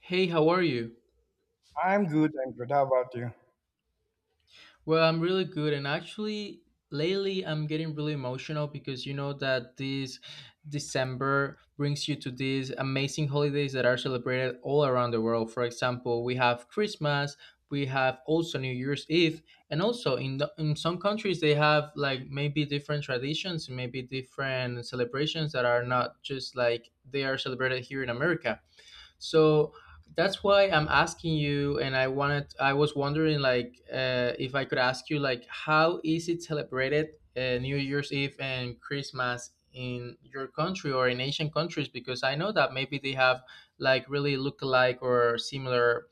Hey, how are you? I'm good. I'm good. How about you? Well, I'm really good, and actually, lately I'm getting really emotional because you know that this December brings you to these amazing holidays that are celebrated all around the world. For example, we have Christmas, we have also New Year's Eve, and also in some countries they have like maybe different traditions, maybe different celebrations that are not just like they are celebrated here in America. So that's why I'm asking you, and I was wondering, like, if I could ask you, like, how is it celebrated New Year's Eve and Christmas in your country or in Asian countries? Because I know that maybe they have like really look-alike or similar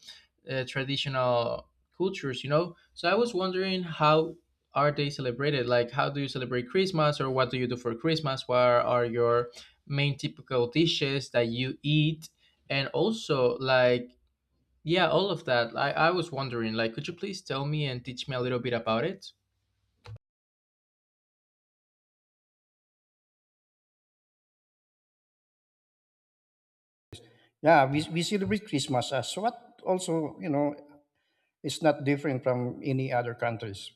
traditional cultures, you know. So I was wondering how are they celebrated? Like, how do you celebrate Christmas, or what do you do for Christmas? What are your main typical dishes that you eat and also, like, yeah, all of that. I was wondering, like, could you please tell me and teach me a little bit about it? Yeah, we celebrate Christmas as what also, it's not different from any other countries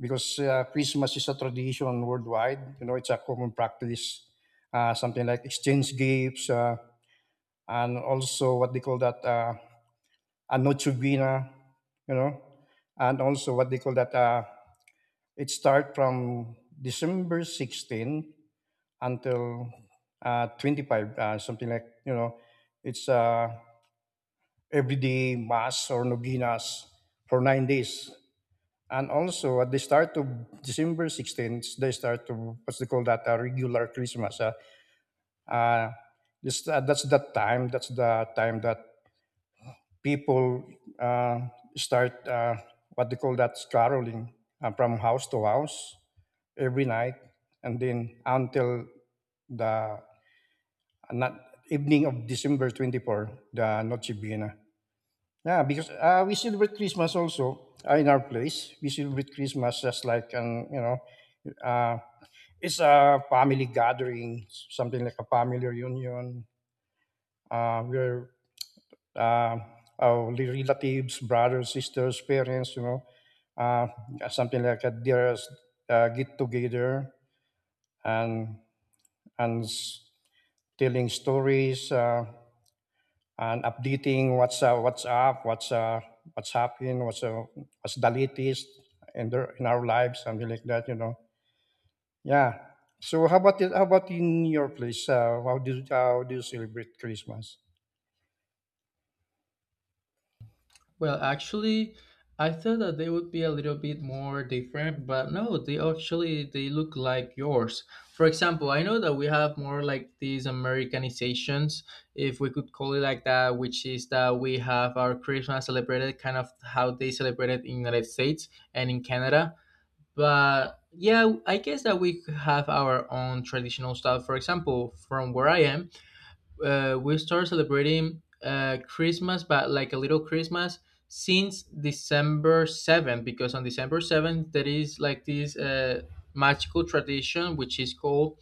because Christmas is a tradition worldwide. You know, it's a common practice, something like exchange gifts and also what they call that a Noche Buena, you know, and also what they call that it start from December 16th until 25, something like, it's everyday mass or novenas for 9 days. And also at the start of December 16th, they start to what's they call that a regular Christmas. Uh, that's the time. That's the time that people uh, start what they call that caroling from house to house every night, and then until the not, evening of December 24th, the Noche Buena. Yeah, because we celebrate Christmas also in our place. We celebrate Christmas just like an uh, it's a family gathering, something like a family reunion. Where uh, our relatives, brothers, sisters, parents, uh, something like a dearest get together and and s- telling stories. And updating what's up, what's happening, what's the latest in their, in our lives, something like that, you know. Yeah. So how about it, how about in your place? How do you celebrate Christmas? Well, actually, I thought that they would be a little bit more different, but no, they actually they look like yours. For example, I know that we have more like these Americanizations, if we could call it like that, which is that we have our Christmas celebrated kind of how they celebrate it in the United States and in Canada. But yeah, I guess that we could have our own traditional stuff. For example, from where I am, we start celebrating Christmas, but like a little Christmas since December 7th, because on December 7th, there is like this magical tradition which is called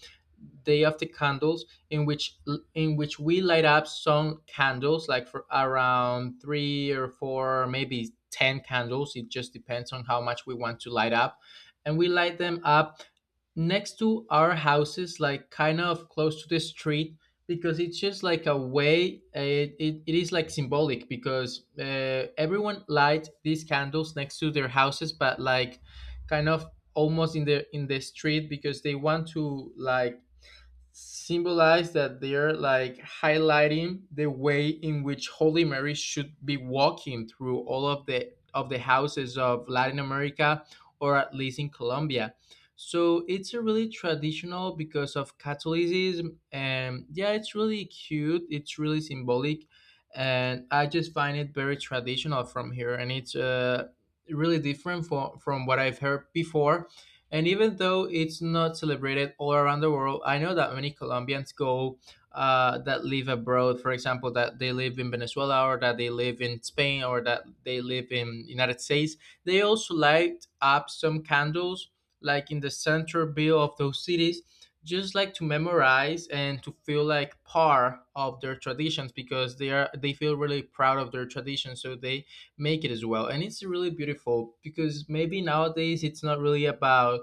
Day of the Candles, in which we light up some candles, like for around three or four, maybe ten candles. It just depends on how much we want to light up, and we light them up next to our houses, like kind of close to the street, because it's just like a way, it is like symbolic because everyone light these candles next to their houses but like kind of almost in the street because they want to like symbolize that they're like highlighting the way in which Holy Mary should be walking through all of the houses of Latin America, or at least in Colombia. So it's a really traditional because of Catholicism, and yeah, it's really cute, it's really symbolic, and I just find it very traditional from here, and it's really different from what I've heard before. And even though it's not celebrated all around the world, I know that many Colombians go, that live abroad. For example, that they live in Venezuela, or that they live in Spain, or that they live in United States. They also light up some candles, like in the center bill of those cities, just like to memorize and to feel like part of their traditions because they feel really proud of their traditions. So they make it as well, and it's really beautiful because maybe nowadays it's not really about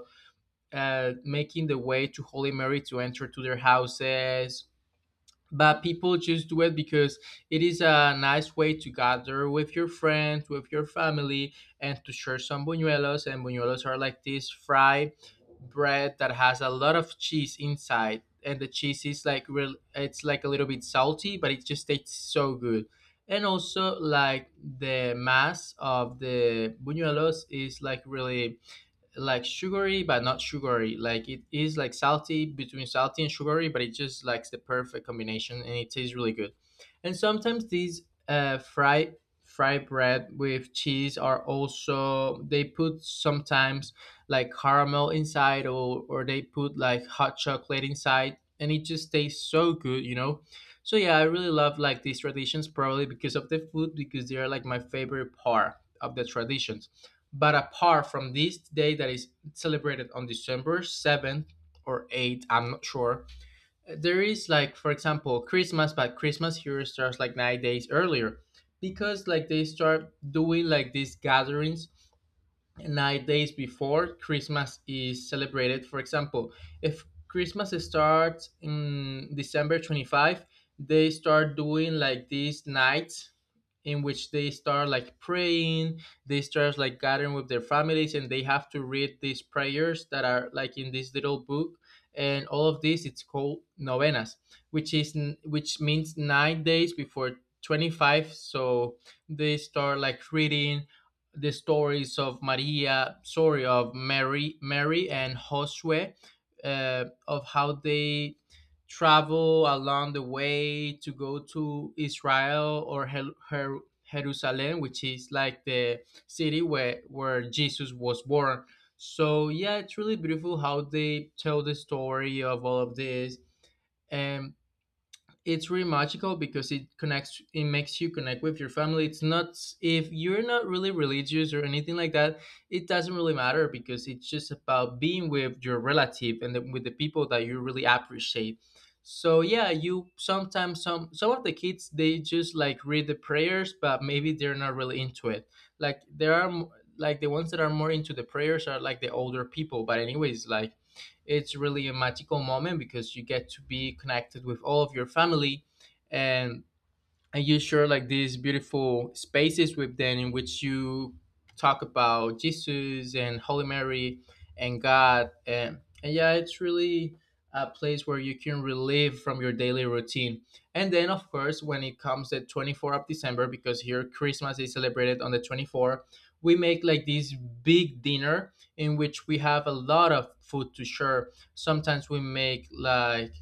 making the way to Holy Mary to enter to their houses. But people just do it because it is a nice way to gather with your friends, with your family, and to share some buñuelos. And buñuelos are like this fried bread that has a lot of cheese inside, and the cheese is like real. It's like a little bit salty, but it just tastes so good. And also, like the mass of the buñuelos is like really like sugary but not sugary, like it is like salty, between salty and sugary, but it just likes the perfect combination and it tastes really good. And sometimes these uh fried fried bread with cheese are also, they put sometimes like caramel inside, or they put like hot chocolate inside, and it just tastes so good, you know. So yeah, I really love like these traditions, probably because of the food, because they are like my favorite part of the traditions. But apart from this day that is celebrated on December 7th or 8th, I'm not sure. There is like, for example, Christmas, but Christmas here starts like 9 days earlier because like they start doing like these gatherings 9 days before Christmas is celebrated. For example, if Christmas starts in December 25, they start doing like these nights in which they start like praying, they start like gathering with their families, and they have to read these prayers that are like in this little book. And all of this it's called novenas, which means 9 days before 25. So they start like reading the stories of Maria, sorry, of Mary, Mary and Josue, of how they travel along the way to go to Israel or Jerusalem, which is like the city where Jesus was born. So yeah, it's really beautiful how they tell the story of all of this. And it's really magical because it makes you connect with your family. It's not, if you're not really religious or anything like that, it doesn't really matter, because it's just about being with your relative and with the people that you really appreciate. So yeah, you sometimes, some of the kids they just like read the prayers, but maybe they're not really into it. like there are m- like the ones that are more into the prayers are like the older people, but anyways, like, it's really a magical moment because you get to be connected with all of your family, and you share like these beautiful spaces with them in which you talk about Jesus and Holy Mary and God, and yeah, it's really a place where you can relieve from your daily routine. And then of course when it comes the 24th of December, because here Christmas is celebrated on the 24th, we make like this big dinner in which we have a lot of food to share. Sometimes we make like,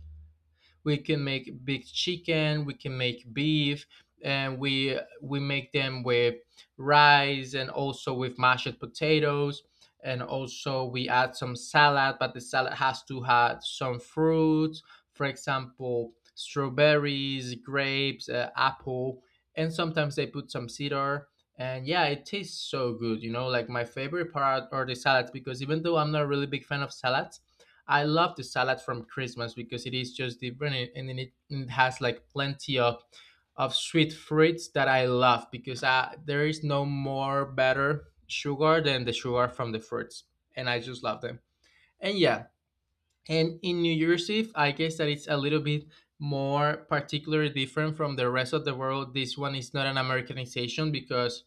we can make big chicken, we can make beef, and we make them with rice and also with mashed potatoes, and also we add some salad, but the salad has to have some fruits. For example, strawberries, grapes, apple, and sometimes they put some cedar. And yeah, it tastes so good, you know. Like my favorite part are the salads, because even though I'm not a really big fan of salads, I love the salad from Christmas, because it is just different. And it has like plenty of sweet fruits that I love, because there is no more better sugar than the sugar from the fruits, and I just love them. And yeah, and in New Year's Eve, I guess that it's a little bit more particularly different from the rest of the world. This one is not an Americanization because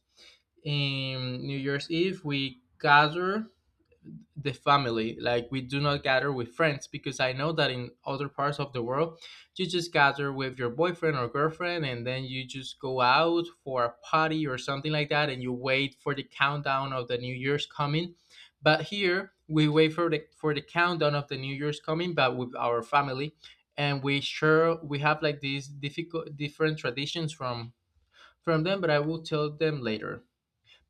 in New Year's Eve we gather the family. Like, we do not gather with friends, because I know that in other parts of the world you just gather with your boyfriend or girlfriend, and then you just go out for a party or something like that, and you wait for the countdown of the new year's coming. But here we wait for the countdown of the new year's coming, but with our family. And we sure we have like these difficult different traditions from them but I will tell them later.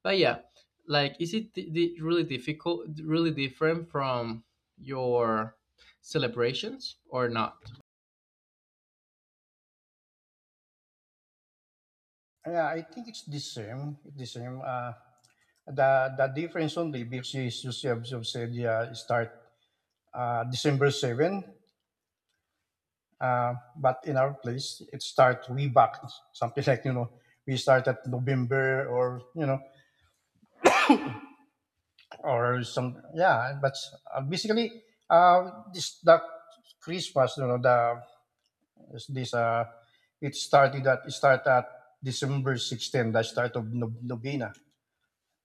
But yeah, like is it really difficult, really different from your celebrations or not? Yeah, I think it's the same. It's the same. The difference only because you said you have said, yeah, it start December 7th. Uh, but in our place, it start way back, something like you know, we start at November or you know, or some yeah but basically this the Christmas you know the is this it started at December 16th, the start of novena,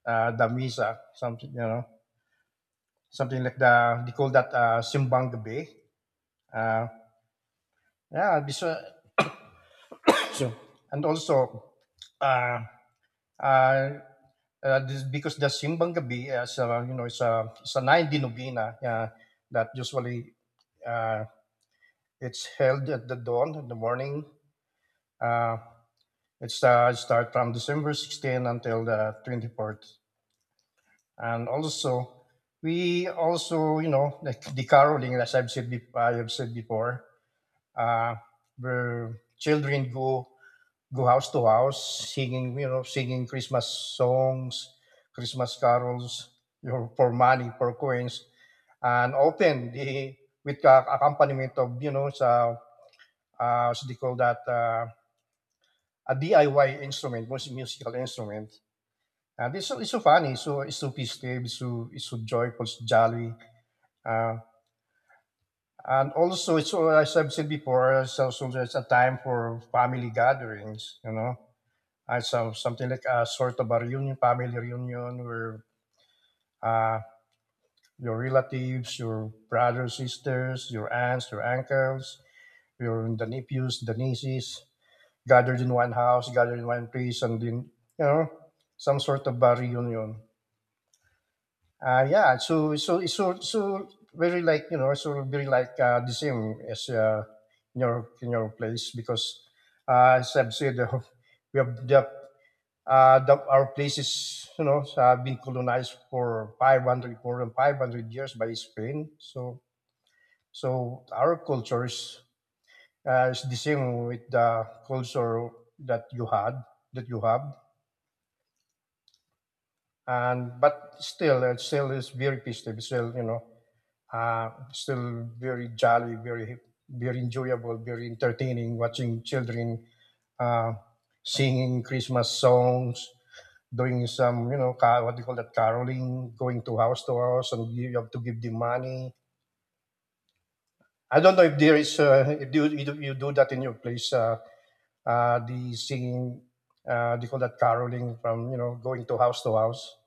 the misa something you know, something like the they call that simbang gabi. Uh yeah this, so And also, uh uh, this, because the simbang gabi is, you know, it's a 9 day novena, yeah, that usually uh It's held at the dawn in the morning. Uh, it's start from December 16th until the 24th. And also, we also, you know, like the caroling, as I've said, I have said before, uh, where children go house to house singing, you know, singing Christmas songs, Christmas carols, you know, for money, for coins, and often the with the accompaniment of, you know, so what do you call that? A DIY instrument, musical instrument. And it's so funny, so it's so festive, it's so joyful, it's jolly. Uh, and also, it's so, as I've said before, it's a time for family gatherings, you know. And so something like a sort of a reunion, family reunion, where uh, your relatives, your brothers, sisters, your aunts, your uncles, your the nephews, the nieces, gathered in one house, gathered in one place, and then, you know, some sort of a reunion. Yeah, so very like you know, so very like the same as in your place because as I've said, we have the our place is you know have been colonized for 500 more than 500 years by Spain. So our culture is the same with the culture that you had that you have, and but still it still is very festive. Still you know still very jolly, very very enjoyable, very entertaining. Watching children uh, singing Christmas songs, doing some you know what do you call that caroling, going to house, and you have to give them money. I don't know if there is if you do that in your place. The singing, they call that caroling from you know going to house to house.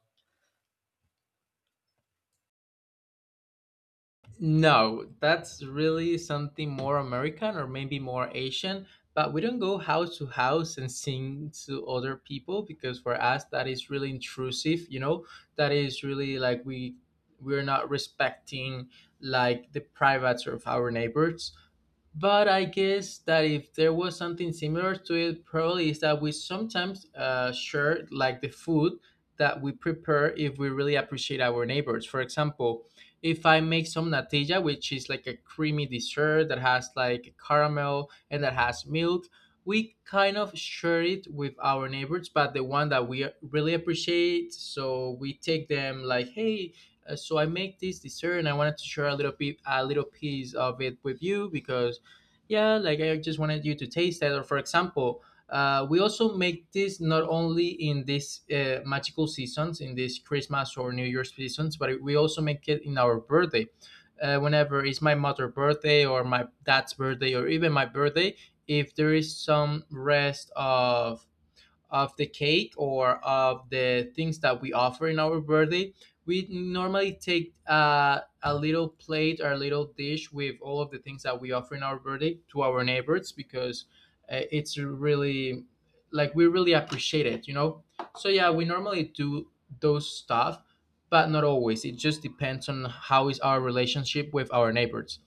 No, that's really something more American or maybe more Asian. But we don't go house to house and sing to other people because for us that is really intrusive. You know, that is really like we're not respecting like the privates of our neighbors. But I guess that if there was something similar to it, probably is that we sometimes share like the food that we prepare if we really appreciate our neighbors. For example, if I make some natilla, which is like a creamy dessert that has like caramel and that has milk, we kind of share it with our neighbors, but the one that we really appreciate. So we take them like, "Hey, so I make this dessert and I wanted to share a little bit, a little piece of it with you." Because yeah, like I just wanted you to taste that. Or for example, we also make this not only in these magical seasons, in these Christmas or New Year's seasons, but we also make it in our birthday. Whenever it's my mother's birthday or my dad's birthday or even my birthday, if there is some rest of the cake or of the things that we offer in our birthday, we normally take a little plate or a little dish with all of the things that we offer in our birthday to our neighbors, because it's really like we really appreciate it. So yeah, we normally do those stuff, but not always. It just depends on how is our relationship with our neighbors.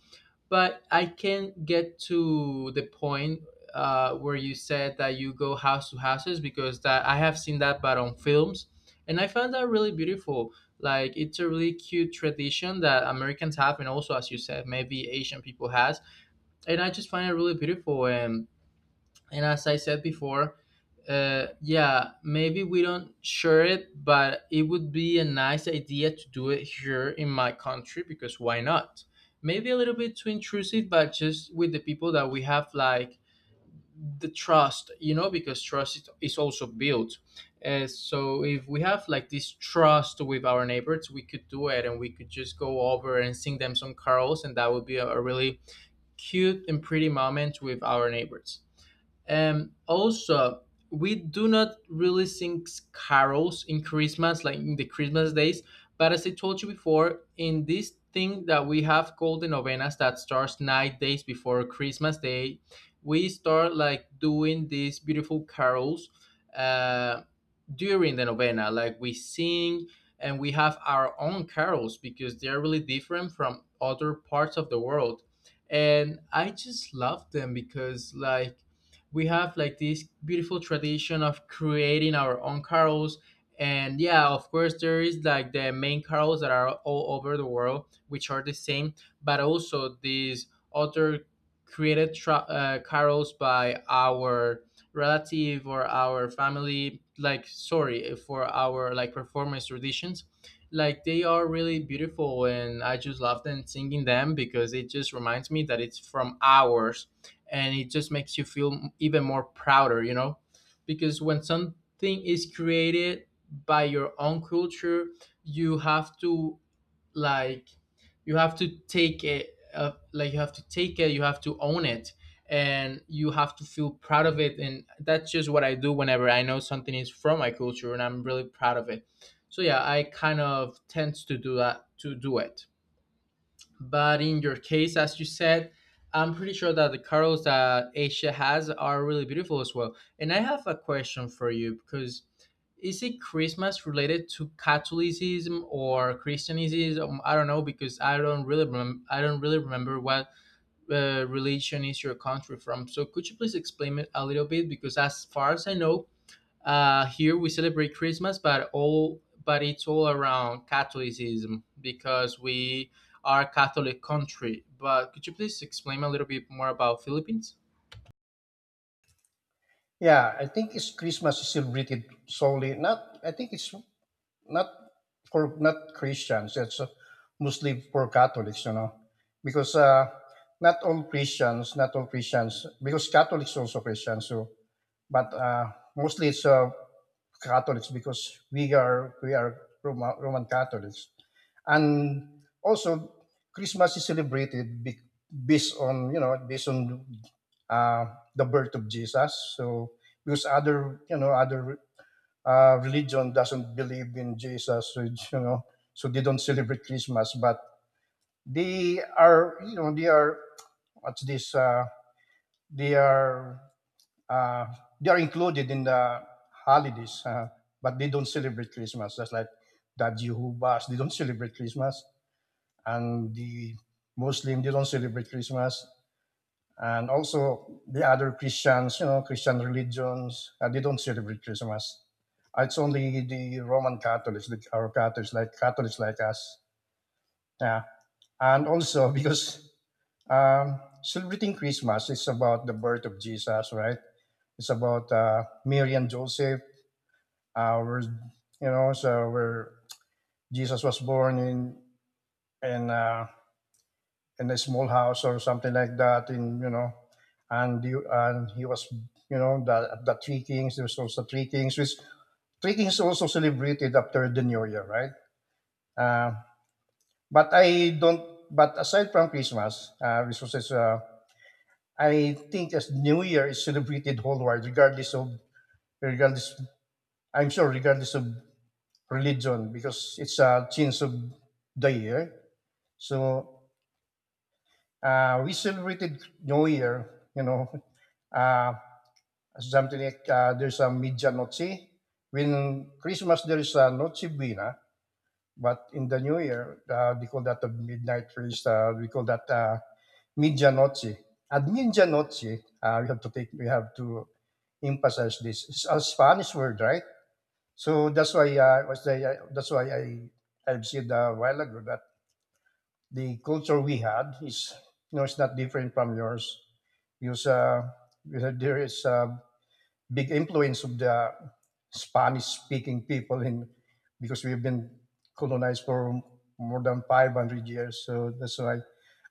But I can get to the point where you said that you go house to houses, because that I have seen that, but on films, and I found that really beautiful. Like it's a really cute tradition that Americans have, and also as you said, maybe Asian people has, and I just find it really beautiful. And as I said before, yeah, maybe we don't share it, but it would be a nice idea to do it here in my country, because why not? Maybe a little bit too intrusive, but just with the people that we have, like the trust, you know, because trust is also built. So if we have like this trust with our neighbors, we could do it and we could just go over and sing them some carols, and that would be a really cute and pretty moment with our neighbors. Also, we do not really sing carols in Christmas, like in the Christmas days. But as I told you before, in this thing that we have called the novenas that starts 9 days before Christmas Day, we start like doing these beautiful carols. Uh, During the novena. Like we sing, and we have our own carols because they're really different from other parts of the world. And I just love them because like we have like this beautiful tradition of creating our own carols. And yeah, of course there is like the main carols that are all over the world, which are the same, but also these other carols by our relative or our family, like, sorry, for our like performance traditions, like they are really beautiful and I just love them singing them because it just reminds me that it's from ours, and it just makes you feel even more prouder, you know, because when something is created by your own culture, you have to, like, you have to take it, you have to own it, and you have to feel proud of it. And that's just what I do whenever I know something is from my culture, and I'm really proud of it. So yeah, I kind of tend to do that, to do it. But in your case, as you said, I'm pretty sure that the corals that Asia has are really beautiful as well. And I have a question for you, because is it Christmas related to Catholicism or Christianism? I don't know because I don't really remember. I don't really remember what religion is your country from. So could you please explain it a little bit? Because as far as I know, here we celebrate Christmas, but it's all around Catholicism because we are a Catholic country. But could you please explain a little bit more about Philippines? Yeah, I think it's Christmas is celebrated solely. Not, I think it's not for not Christians, it's mostly for Catholics, you know, because not all Christians, because Catholics also Christians, so but mostly it's Catholics because we are Roman Catholics, and also Christmas is celebrated based on uh, the birth of Jesus. So because other you know other religion doesn't believe in Jesus, which, you know, so they don't celebrate Christmas. But they are, you know, they are what's this? They are uh, they are included in the holidays, but they don't celebrate Christmas. That's like the Jehovah's. They don't celebrate Christmas, and the Muslim they don't celebrate Christmas, and also the other Christians, you know, Christian religions, they don't celebrate Christmas. It's only the Roman Catholics, the, our Catholics like us. Yeah. And also because celebrating Christmas is about the birth of Jesus, right? It's about Mary and Joseph. Our, you know, so where Jesus was born in uh, in a small house or something like that in you know, and he was you know, the three kings, there was also three kings which three kings also celebrated after the New Year, right? Uh, but i don't but aside from Christmas, which was, I think, as new year is celebrated whole world, regardless of regardless I'm sure, regardless of religion, because it's a change of the year. So we celebrated new year, you know, uh, something like there's a Medianoche. When Christmas, there is a Noche Buena, but in the New Year, they call that the Midnight Feast. We call that Medianoche. At Medianoche, we have to emphasize this. It's a Spanish word, right? So that's why that's why I said a while ago that the culture we had is you know it's not different from yours. Because there is big influence of the Spanish speaking people in because we've been colonized for more than 500 years. So that's why.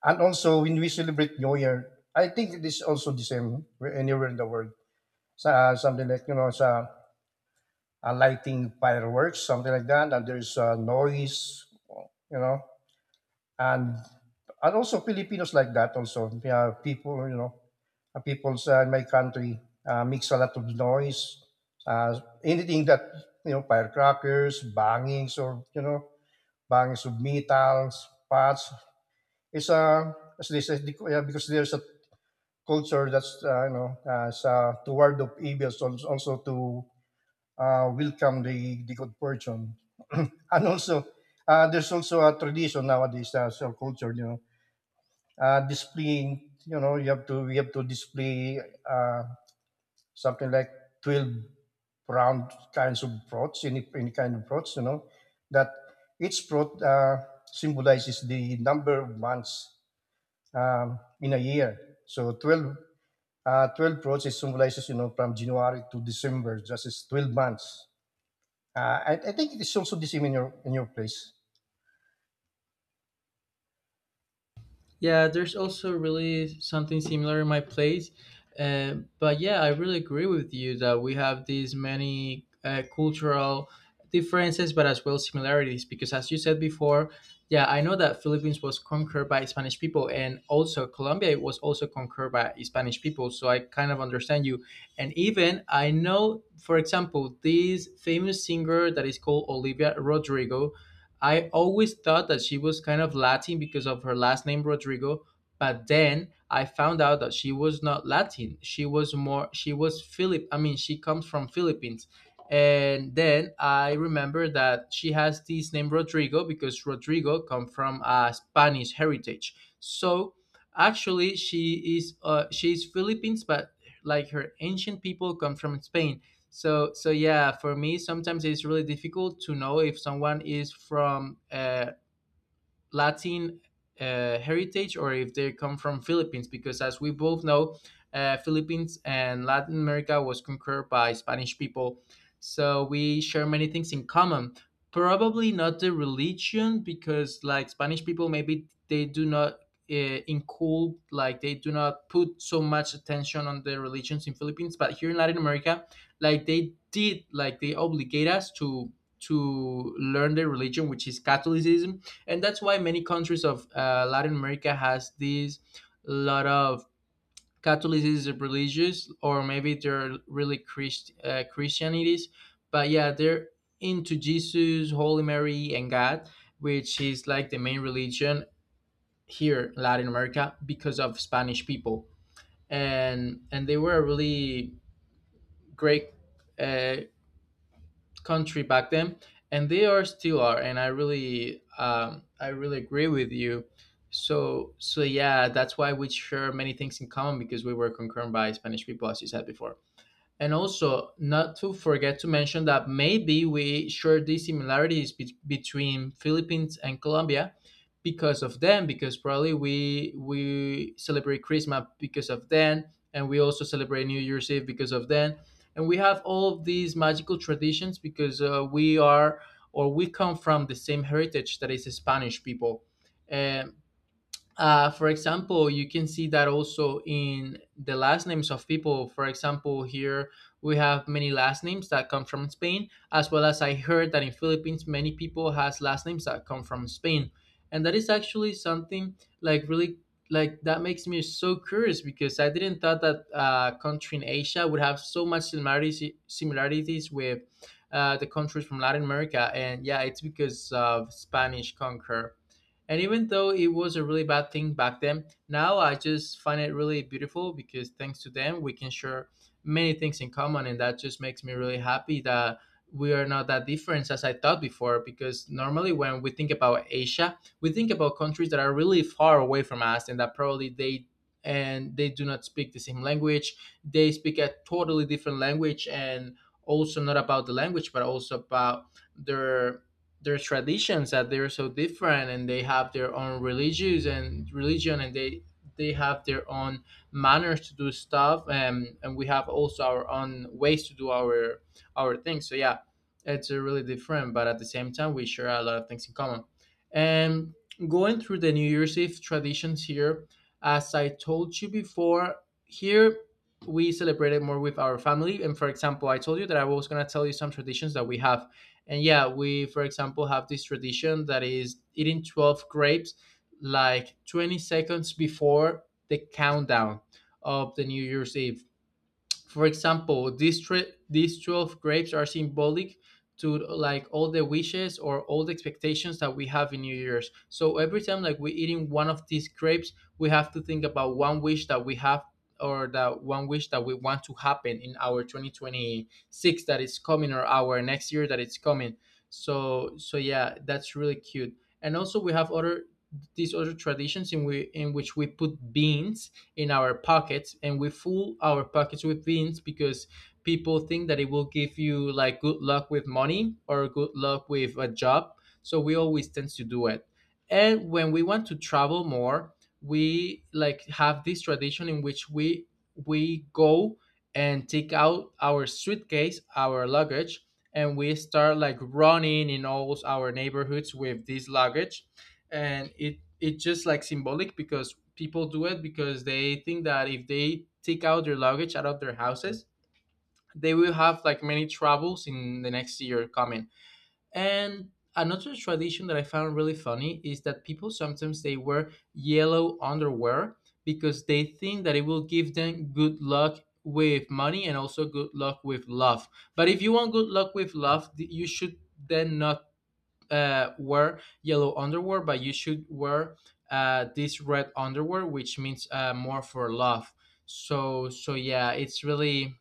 And also, when we celebrate New Year, I think it is also the same anywhere in the world. So, something like, you know, sa lighting fireworks, something like that. And there's noise, you know. and and also Filipinos like that also. We have people, you know, peoples in my country makes a lot of noise. Anything that you know, firecrackers, bangings, or you know, bangings of metals, parts. It's a as they say, yeah, because there's a culture that's you know it's, toward of evil, so also to welcome the good fortune, and also there's also a tradition nowadays, so culture, you know, displaying you know you have to we have to display uh, something like 12 round kinds of prods, any kind of prods you know, that each prod symbolizes the number of months in a year. So 12 prods is symbolizes you know from January to December, just as 12 months. I think it is also the same in your place. Yeah, there's also really something similar in my place. But yeah, I really agree with you that we have these many cultural differences, but as well similarities. Because as you said before, yeah, I know that Philippines was conquered by Spanish people, and also Colombia was also conquered by Spanish people. So I kind of understand you. And even I know, for example, this famous singer that is called Olivia Rodrigo. I always thought that she was kind of Latin because of her last name Rodrigo, but then I found out that she was not Latin. She was more she was Philip. I mean, she comes from Philippines. And then I remember that she has this name Rodrigo because Rodrigo come from a Spanish heritage. So actually, she is Philippines, but like her ancient people come from Spain. So yeah, for me sometimes it's really difficult to know if someone is from Latin heritage or if they come from Philippines, because as we both know, Philippines and Latin America was conquered by Spanish people, so we share many things in common. Probably not the religion, because like Spanish people, maybe they do not uh, include, like they do not put so much attention on the religions in Philippines. But here in Latin America, like they did, like they obligate us to learn their religion, which is Catholicism. And that's why many countries of Latin America has these lot of Catholicism religious, or maybe they're really Christianities, but yeah, they're into Jesus, Holy Mary, and God, which is like the main religion here, in Latin America, because of Spanish people. And they were a really great uh, country back then, and they are still are. And I really I really agree with you. So yeah, that's why we share many things in common, because we were conquered by Spanish people as you said before. And also, not to forget to mention that maybe we share these similarities between Philippines and Colombia because of them, because probably we celebrate Christmas because of them, and we also celebrate New Year's Eve because of them, and we have all of these magical traditions because we are or we come from the same heritage that is Spanish people. Um, for example, you can see that also in the last names of people. For example, here we have many last names that come from Spain, as well as I heard that in Philippines many people has last names that come from Spain, and that is actually something like really, like, that makes me so curious because I didn't thought that country in Asia would have so much similarities with the countries from Latin America. And yeah, it's because of Spanish conquer, and even though it was a really bad thing back then, now I just find it really beautiful because thanks to them, we can share many things in common. And that just makes me really happy that we are not that different as I thought before. Because normally, when we think about Asia, we think about countries that are really far away from us, and that probably they do not speak the same language. They speak a totally different language. And also not about the language, but also about their traditions, that they're so different, and they have their own religious and religion, and they have their own manners to do stuff. And we have also our own ways to do our things. So yeah, it's really different, but at the same time we share a lot of things in common. And going through the New Year's Eve traditions here, as I told you before, here we celebrated more with our family. And for example, I told you that I was going to tell you some traditions that we have. And yeah, we, for example, have this tradition that is eating 12 grapes like 20 seconds before the countdown of the New Year's Eve. For example, these 12 grapes are symbolic to like all the wishes or all the expectations that we have in New Year's. So every time, like, we're eating one of these grapes, we have to think about one wish that we have, or that one wish that we want to happen in our 2026 that is coming, or our next year that it's coming. So yeah, that's really cute. And also we have other, these other traditions in we in which we put beans in our pockets, and we fool our pockets with beans because people think that it will give you like good luck with money or good luck with a job, so we always tend to do it. And when we want to travel more, we like have this tradition in which we go and take out our suitcase, our luggage, and we start like running in all our neighborhoods with this luggage. And it's just like symbolic because people do it because they think that if they take out their luggage out of their houses, they will have like many troubles in the next year coming. And another tradition that I found really funny is that people sometimes they wear yellow underwear because they think that it will give them good luck with money and also good luck with love. But if you want good luck with love, you should then not wear yellow underwear, but you should wear this red underwear, which means more for love. So yeah, it's really,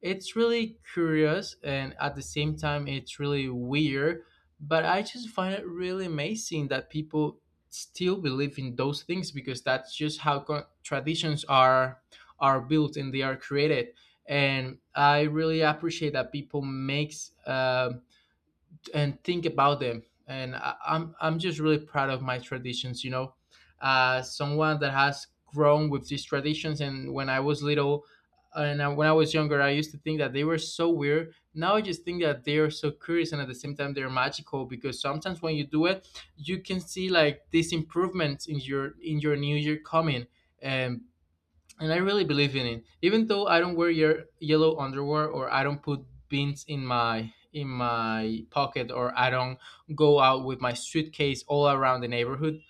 it's really curious, and at the same time, it's really weird. But I just find it really amazing that people still believe in those things because that's just how traditions are built and they are created. And I really appreciate that people makes and think about them. And I'm just really proud of my traditions. Someone that has grown with these traditions. And when I was little, and I, when I was younger, I used to think that they were so weird. Now I just think that they are so curious, and at the same time, they're magical because sometimes when you do it, you can see like these improvements in your new year coming. And and I really believe in it. Even though I don't wear your yellow underwear, or I don't put beans in my pocket, or I don't go out with my suitcase all around the neighborhood,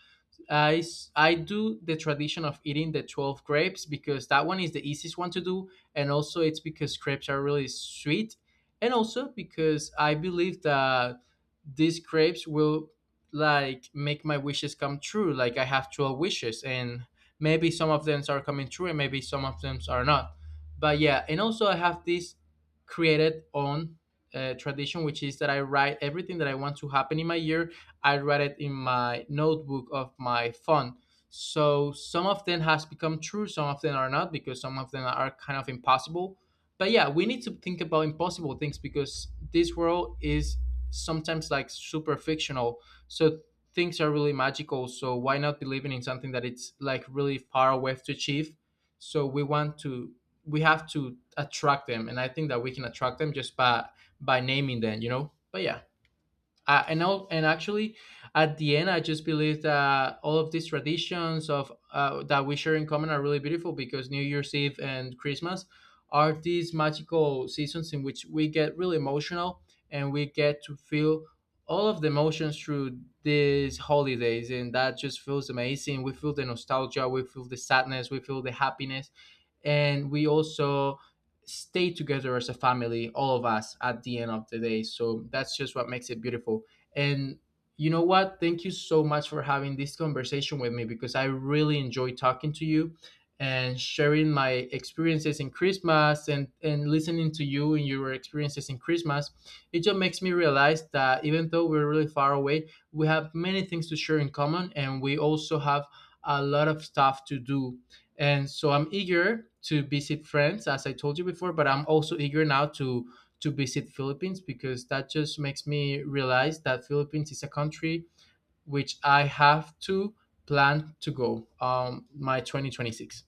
I do the tradition of eating the 12 grapes because that one is the easiest one to do, and also it's because grapes are really sweet, and also because I believe that these grapes will like make my wishes come true. Like I have 12 wishes, and maybe some of them are coming true and maybe some of them are not. But yeah, and also I have this created on tradition, which is that I write everything that I want to happen in my year. I read it in my notebook of my phone. So some of them has become true, some of them are not because some of them are kind of impossible. But yeah, we need to think about impossible things because this world is sometimes like super fictional. So things are really magical. So why not believing in something that it's like really far away to achieve? So we have to attract them, and I think that we can attract them just by naming them, you know? But yeah, and actually at the end, I just believe that all of these traditions of that we share in common are really beautiful because new year's eve and Christmas are these magical seasons in which we get really emotional, and we get to feel all of the emotions through these holidays, and that just feels amazing. We feel the nostalgia, we feel the sadness, we feel the happiness, and we also stay together as a family, all of us, at the end of the day. So that's just what makes it beautiful. And you know what, thank you so much for having this conversation with me because I really enjoy talking to you and sharing my experiences in Christmas, and listening to you and your experiences in Christmas. It just makes me realize that even though we're really far away, we have many things to share in common, and we also have a lot of stuff to do. And so I'm eager to visit France, as I told you before, but I'm also eager now to visit Philippines, because that just makes me realize that Philippines is a country which I have to plan to go my 2026.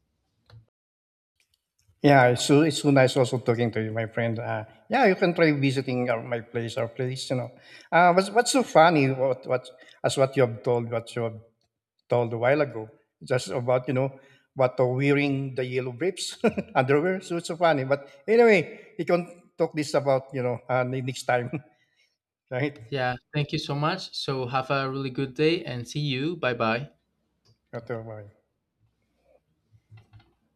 Yeah, it's so nice also talking to you, my friend. Yeah, you can try visiting my place, our place. You know, what's so funny? What what you have told a while ago, just about you know what wearing the yellow briefs underwear. So it's so funny. But anyway, you can talk this about you know next time, right? Yeah, thank you so much. So have a really good day, and see you. Bye bye. What,